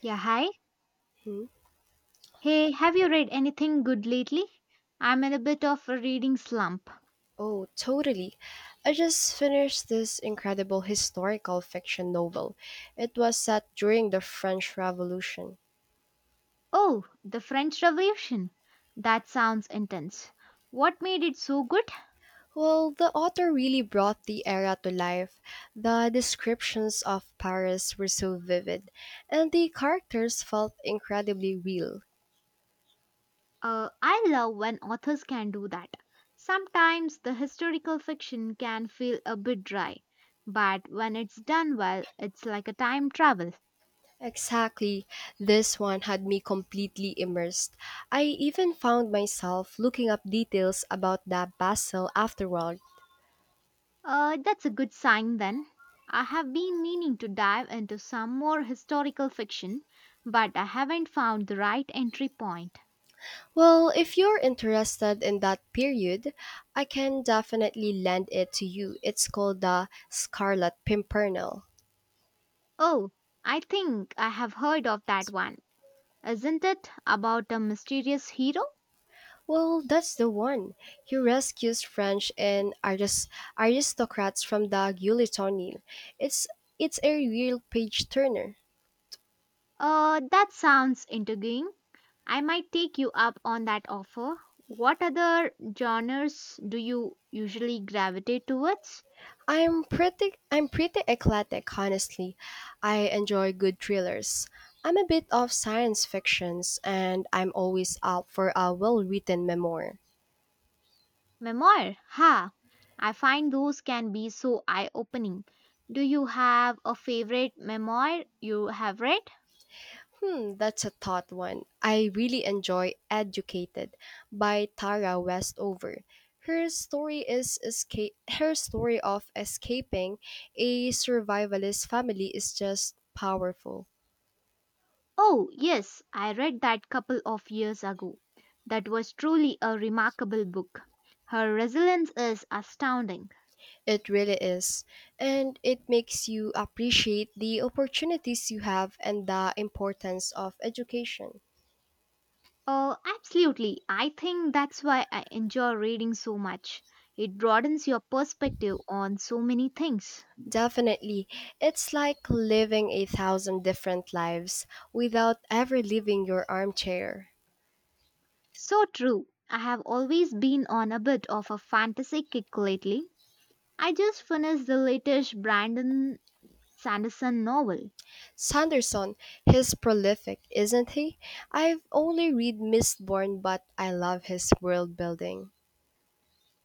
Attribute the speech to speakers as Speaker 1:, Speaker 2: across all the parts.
Speaker 1: Yeah, hi.
Speaker 2: Hmm?
Speaker 1: Hey, have you read anything good lately? I'm in a bit of a reading slump.
Speaker 2: Oh, totally. I just finished this incredible historical fiction novel. It was set during the French Revolution.
Speaker 1: Oh, the French Revolution. That sounds intense. What made it so good?
Speaker 2: Well, the author really brought the era to life. The descriptions of Paris were so vivid, and the characters felt incredibly real.
Speaker 1: I love when authors can do that. Sometimes the historical fiction can feel a bit dry, but when it's done well, it's like a time travel.
Speaker 2: Exactly. This one had me completely immersed. I even found myself looking up details about the Basel afterward.
Speaker 1: That's a good sign then. I have been meaning to dive into some more historical fiction, but I haven't found the right entry point.
Speaker 2: Well, if you're interested in that period, I can definitely lend it to you. It's called The Scarlet Pimpernel.
Speaker 1: Oh, I think I have heard of that one. Isn't it about a mysterious hero?
Speaker 2: Well, that's the one. He rescues aristocrats from the guillotine. It's it's a real page turner.
Speaker 1: That sounds intriguing. I might take you up on that offer. What other genres do you usually gravitate towards?
Speaker 2: I'm pretty eclectic, honestly. I enjoy good thrillers. I'm a bit of science fictions and I'm always up for a well-written memoir.
Speaker 1: Memoir? Ha! I find those can be so eye opening. Do you have a favorite memoir you have read?
Speaker 2: Hmm, that's a thought one. I really enjoy Educated by Tara Westover. Her story of escaping a survivalist family is just powerful.
Speaker 1: Oh, yes, I read that couple of years ago. That was truly a remarkable book. Her resilience is astounding.
Speaker 2: It really is. And it makes you appreciate the opportunities you have and the importance of education.
Speaker 1: Oh, absolutely. I think that's why I enjoy reading so much. It broadens your perspective on so many things.
Speaker 2: Definitely. It's like living a thousand different lives without ever leaving your armchair.
Speaker 1: So true. I have always been on a bit of a fantasy kick lately. I just finished the latest Brandon Sanderson novel.
Speaker 2: Sanderson, he's prolific, isn't he? I've only read Mistborn, but I love his world building.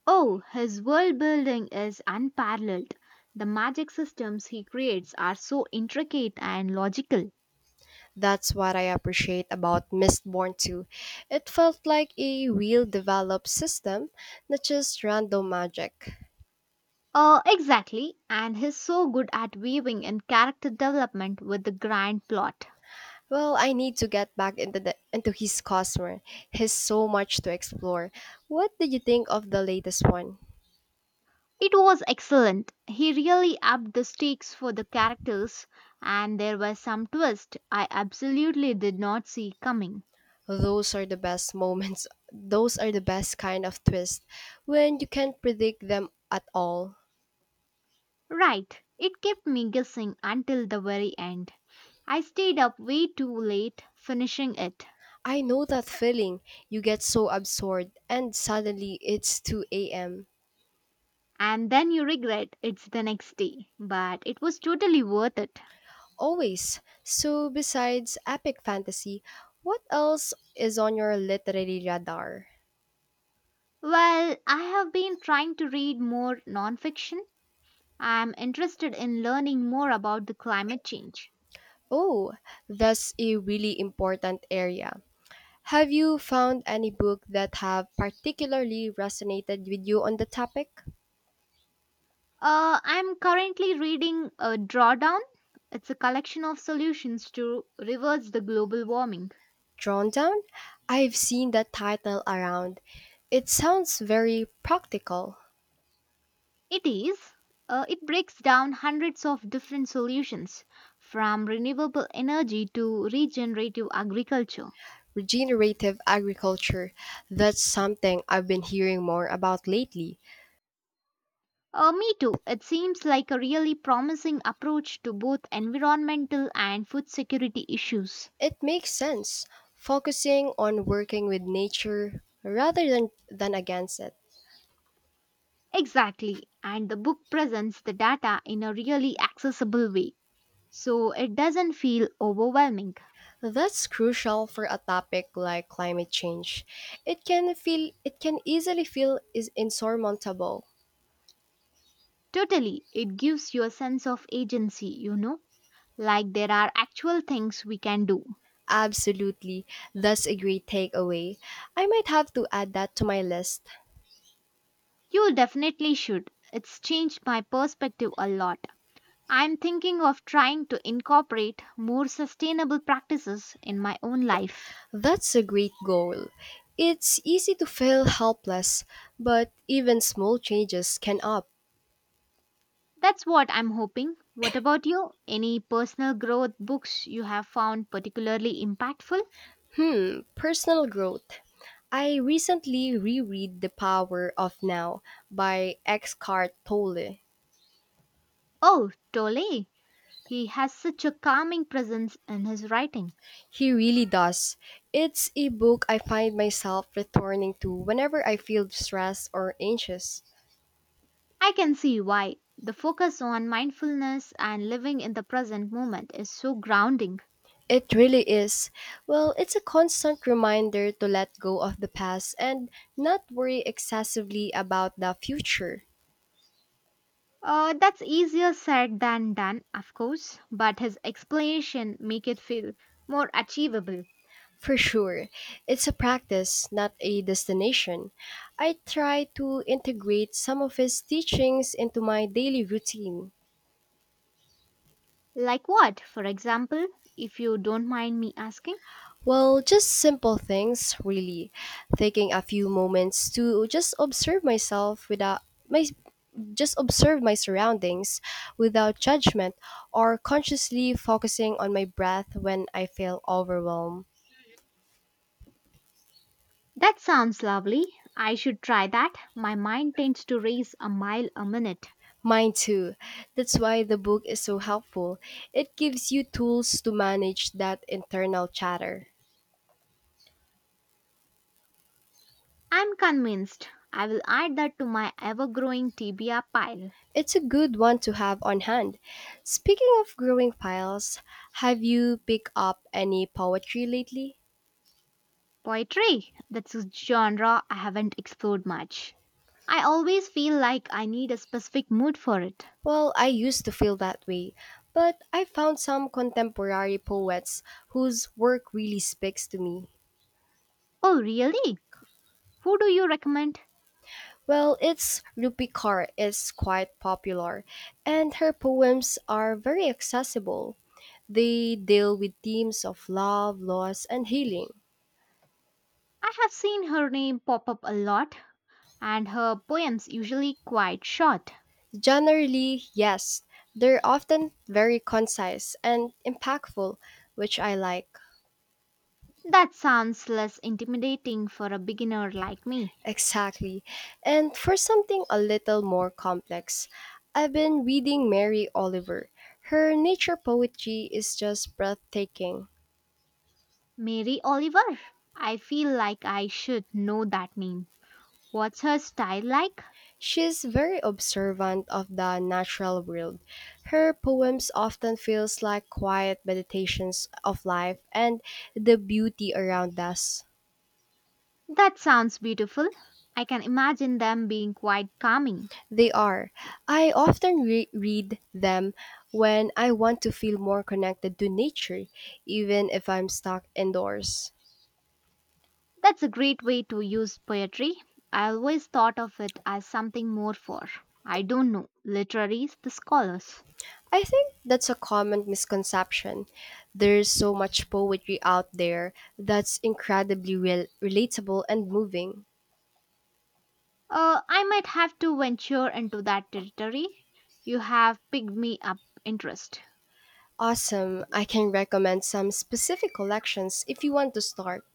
Speaker 1: Oh, his world building is unparalleled. The magic systems he creates are so intricate and logical.
Speaker 2: That's what I appreciate about Mistborn 2. It felt like a real developed system, not just random magic.
Speaker 1: Exactly, and he's so good at weaving in character development with the grand plot.
Speaker 2: Well, I need to get back into his Cosmere. He's so much to explore. What did you think of the latest one?
Speaker 1: It was excellent. He really upped the stakes for the characters, and there were some twists I absolutely did not see coming.
Speaker 2: Those are the best moments. Those are the best kind of twist when you can't predict them at all.
Speaker 1: Right, it kept me guessing until the very end. I stayed up way too late finishing it,
Speaker 2: I know that feeling. You get so absorbed, and suddenly it's 2 a.m.
Speaker 1: and then you regret it's the next day, but it was totally worth it.
Speaker 2: Always. So, besides epic fantasy, what else is on your literary radar?
Speaker 1: Well, I have been trying to read more nonfiction. I'm interested in learning more about the climate change.
Speaker 2: Oh, that's a really important area. Have you found any book that have particularly resonated with you on the topic?
Speaker 1: I'm currently reading Drawdown. It's a collection of solutions to reverse the global warming.
Speaker 2: Drawn Down? I've seen that title around. It sounds very practical.
Speaker 1: It is. It breaks down hundreds of different solutions, from renewable energy to regenerative agriculture.
Speaker 2: Regenerative agriculture, that's something I've been hearing more about lately.
Speaker 1: Me too. It seems like a really promising approach to both environmental and food security issues.
Speaker 2: It makes sense, focusing on working with nature rather than against it.
Speaker 1: Exactly. And the book presents the data in a really accessible way. So it doesn't feel overwhelming.
Speaker 2: That's crucial for a topic like climate change. It can easily feel is insurmountable.
Speaker 1: Totally. It gives you a sense of agency, like there are actual things we can do.
Speaker 2: Absolutely. That's a great takeaway. I might have to add that to my list.
Speaker 1: You definitely should. It's changed my perspective a lot. I'm thinking of trying to incorporate more sustainable practices in my own life.
Speaker 2: That's a great goal. It's easy to feel helpless, but even small changes can up.
Speaker 1: That's what I'm hoping. What about you? Any personal growth books you have found particularly impactful?
Speaker 2: Hmm, personal growth. I recently reread The Power of Now by Eckhart Tolle.
Speaker 1: Oh, Tole. He has such a calming presence in his writing.
Speaker 2: He really does. It's a book I find myself returning to whenever I feel stressed or anxious.
Speaker 1: I can see why. The focus on mindfulness and living in the present moment is so grounding.
Speaker 2: It really is. Well, it's a constant reminder to let go of the past and not worry excessively about the future.
Speaker 1: That's easier said than done, of course, but his explanation make it feel more achievable.
Speaker 2: For sure. It's a practice, not a destination. I try to integrate some of his teachings into my daily routine.
Speaker 1: Like what, for example, if you don't mind me asking?
Speaker 2: Well, just simple things, really. Taking a few moments to just observe myself without my just observe my surroundings without judgment or consciously focusing on my breath when I feel overwhelmed.
Speaker 1: That sounds lovely. I should try that. My mind tends to race a mile a minute.
Speaker 2: Mine too. That's why the book is so helpful. It gives you tools to manage that internal chatter.
Speaker 1: I'm convinced. I will add that to my ever-growing TBR pile.
Speaker 2: It's a good one to have on hand. Speaking of growing files, have you picked up any poetry lately?
Speaker 1: Poetry, that's a genre I haven't explored much. I always feel like I need a specific mood for it.
Speaker 2: Well, I used to feel that way, but I found some contemporary poets whose work really speaks to me.
Speaker 1: Oh, really? Who do you recommend?
Speaker 2: Well, it's Rupi Kaur is quite popular, and her poems are very accessible. They deal with themes of love, loss, and healing.
Speaker 1: I have seen her name pop up a lot, and her poems usually quite short.
Speaker 2: Generally, yes, they're often very concise and impactful, which I like.
Speaker 1: That sounds less intimidating for a beginner like me.
Speaker 2: Exactly. And for something a little more complex, I've been reading Mary Oliver. Her nature poetry is just breathtaking.
Speaker 1: Mary Oliver? I feel like I should know that name. What's her style like?
Speaker 2: She's very observant of the natural world. Her poems often feels like quiet meditations of life and the beauty around us.
Speaker 1: That sounds beautiful. I can imagine them being quite calming.
Speaker 2: They are. I often read them when I want to feel more connected to nature, even if I'm stuck indoors.
Speaker 1: That's a great way to use poetry. I always thought of it as something more for, I don't know, literaries, the scholars.
Speaker 2: I think that's a common misconception. There's so much poetry out there that's incredibly relatable and moving.
Speaker 1: I might have to venture into that territory. You have picked me up interest.
Speaker 2: Awesome. I can recommend some specific collections if you want to start.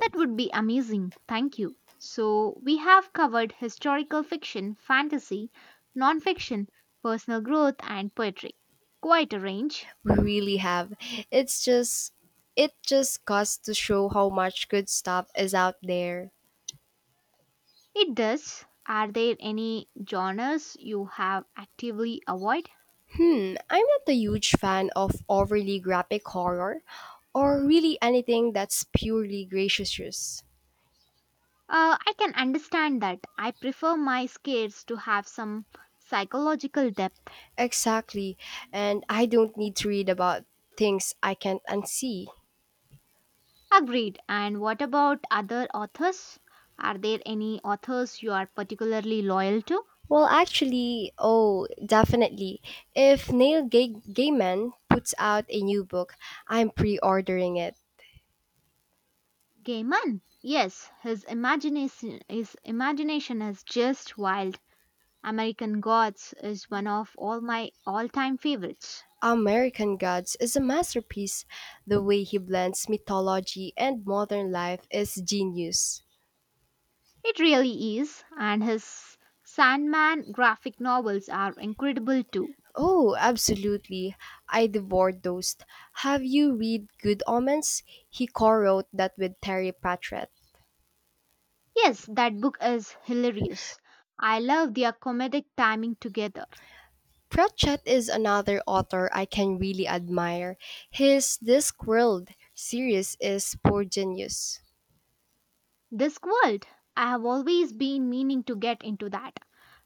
Speaker 1: That would be amazing. Thank you. So, we have covered historical fiction, fantasy, non-fiction, personal growth and poetry. Quite a range.
Speaker 2: We really have. It's just it just goes to show how much good stuff is out there.
Speaker 1: It does. Are there any genres you have actively avoid?
Speaker 2: Hmm, I'm not a huge fan of overly graphic horror or really anything that's purely gratuitous.
Speaker 1: I can understand that. I prefer my scares to have some psychological depth.
Speaker 2: Exactly. And I don't need to read about things I can't unsee.
Speaker 1: Agreed. And what about other authors? Are there any authors you are particularly loyal to?
Speaker 2: Well, actually, oh, definitely. If Gaiman puts out a new book, I'm pre ordering it.
Speaker 1: Gaiman. Yes, his imagination is just wild. American Gods is one of all my all-time favorites.
Speaker 2: American Gods is a masterpiece. The way he blends mythology and modern life is genius.
Speaker 1: It really is, and his Sandman graphic novels are incredible too.
Speaker 2: Oh, absolutely. I devoured those. Have you read Good Omens? He co wrote that with Terry Pratchett.
Speaker 1: Yes, that book is hilarious. I love their comedic timing together.
Speaker 2: Pratchett is another author I can really admire. His Discworld series is prodigious.
Speaker 1: Discworld. I have always been meaning to get into that.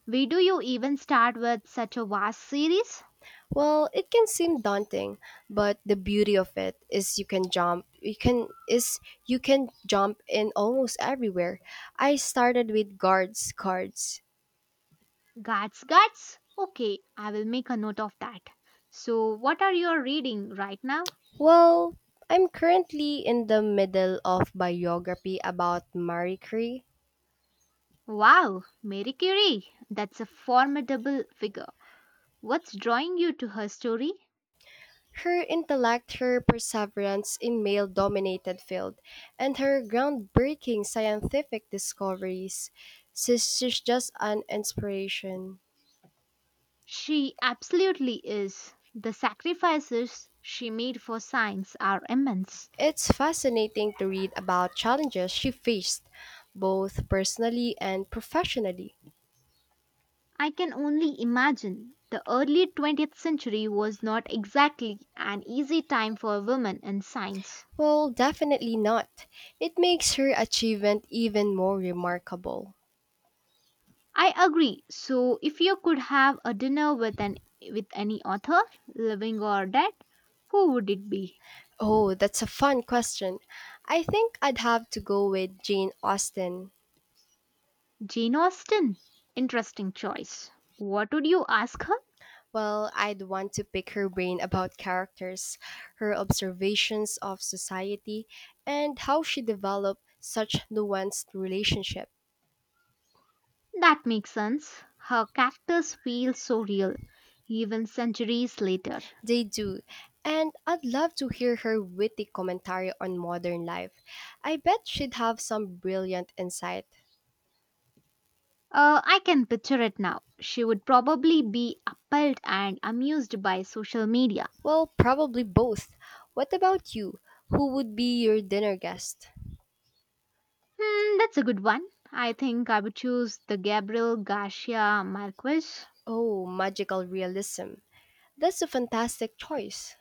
Speaker 1: Where do you even start with such a vast series?
Speaker 2: Well, it can seem daunting, but the beauty of it is you can jump in almost everywhere. I started with guards cards.
Speaker 1: Guts, guts. Okay, I will make a note of that. So, what are you reading right now?
Speaker 2: Well, I'm currently in the middle of biography about Marie Curie.
Speaker 1: Wow, Mary Curie. That's a formidable figure. What's drawing you to her story?
Speaker 2: Her intellect, her perseverance in male-dominated field, and her groundbreaking scientific discoveries, she's just an inspiration.
Speaker 1: She absolutely is. The sacrifices she made for science are immense.
Speaker 2: It's fascinating to read about challenges she faced, both personally and professionally.
Speaker 1: I can only imagine the early 20th century was not exactly an easy time for women in science.
Speaker 2: Well, definitely not. It makes her achievement even more remarkable.
Speaker 1: I agree. So, if you could have a dinner with an with any author, living or dead, who would it be?
Speaker 2: Oh, that's a fun question. I think I'd have to go with Jane Austen.
Speaker 1: Jane Austen. Interesting choice. What would you ask her?
Speaker 2: Well, I'd want to pick her brain about characters, her observations of society, and how she developed such nuanced relationship.
Speaker 1: That makes sense. Her characters feel so real, even centuries later.
Speaker 2: They do. And I'd love to hear her witty commentary on modern life. I bet she'd have some brilliant insight.
Speaker 1: I can picture it now. She would probably be appalled and amused by social media.
Speaker 2: Well, probably both. What about you? Who would be your dinner guest?
Speaker 1: Hmm, that's a good one. I think I would choose the Gabriel Garcia Marquez.
Speaker 2: Oh, magical realism. That's a fantastic choice.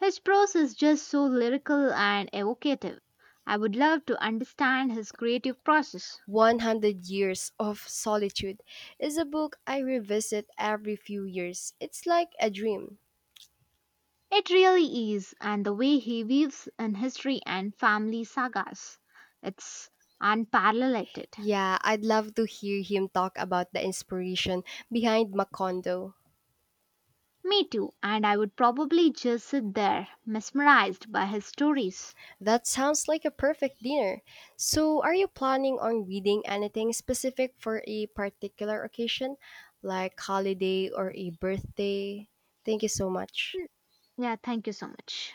Speaker 1: His prose is just so lyrical and evocative. I would love to understand his creative process.
Speaker 2: 100 Years of Solitude is a book I revisit every few years. It's like a dream.
Speaker 1: It really is, and the way he weaves in history and family sagas. It's unparalleled.
Speaker 2: Yeah, I'd love to hear him talk about the inspiration behind Macondo.
Speaker 1: Me too, and I would probably just sit there mesmerized by his stories.
Speaker 2: That sounds like a perfect dinner. So, are you planning on reading anything specific for a particular occasion, like holiday or a birthday? Thank you so much.
Speaker 1: Mm, yeah, thank you so much.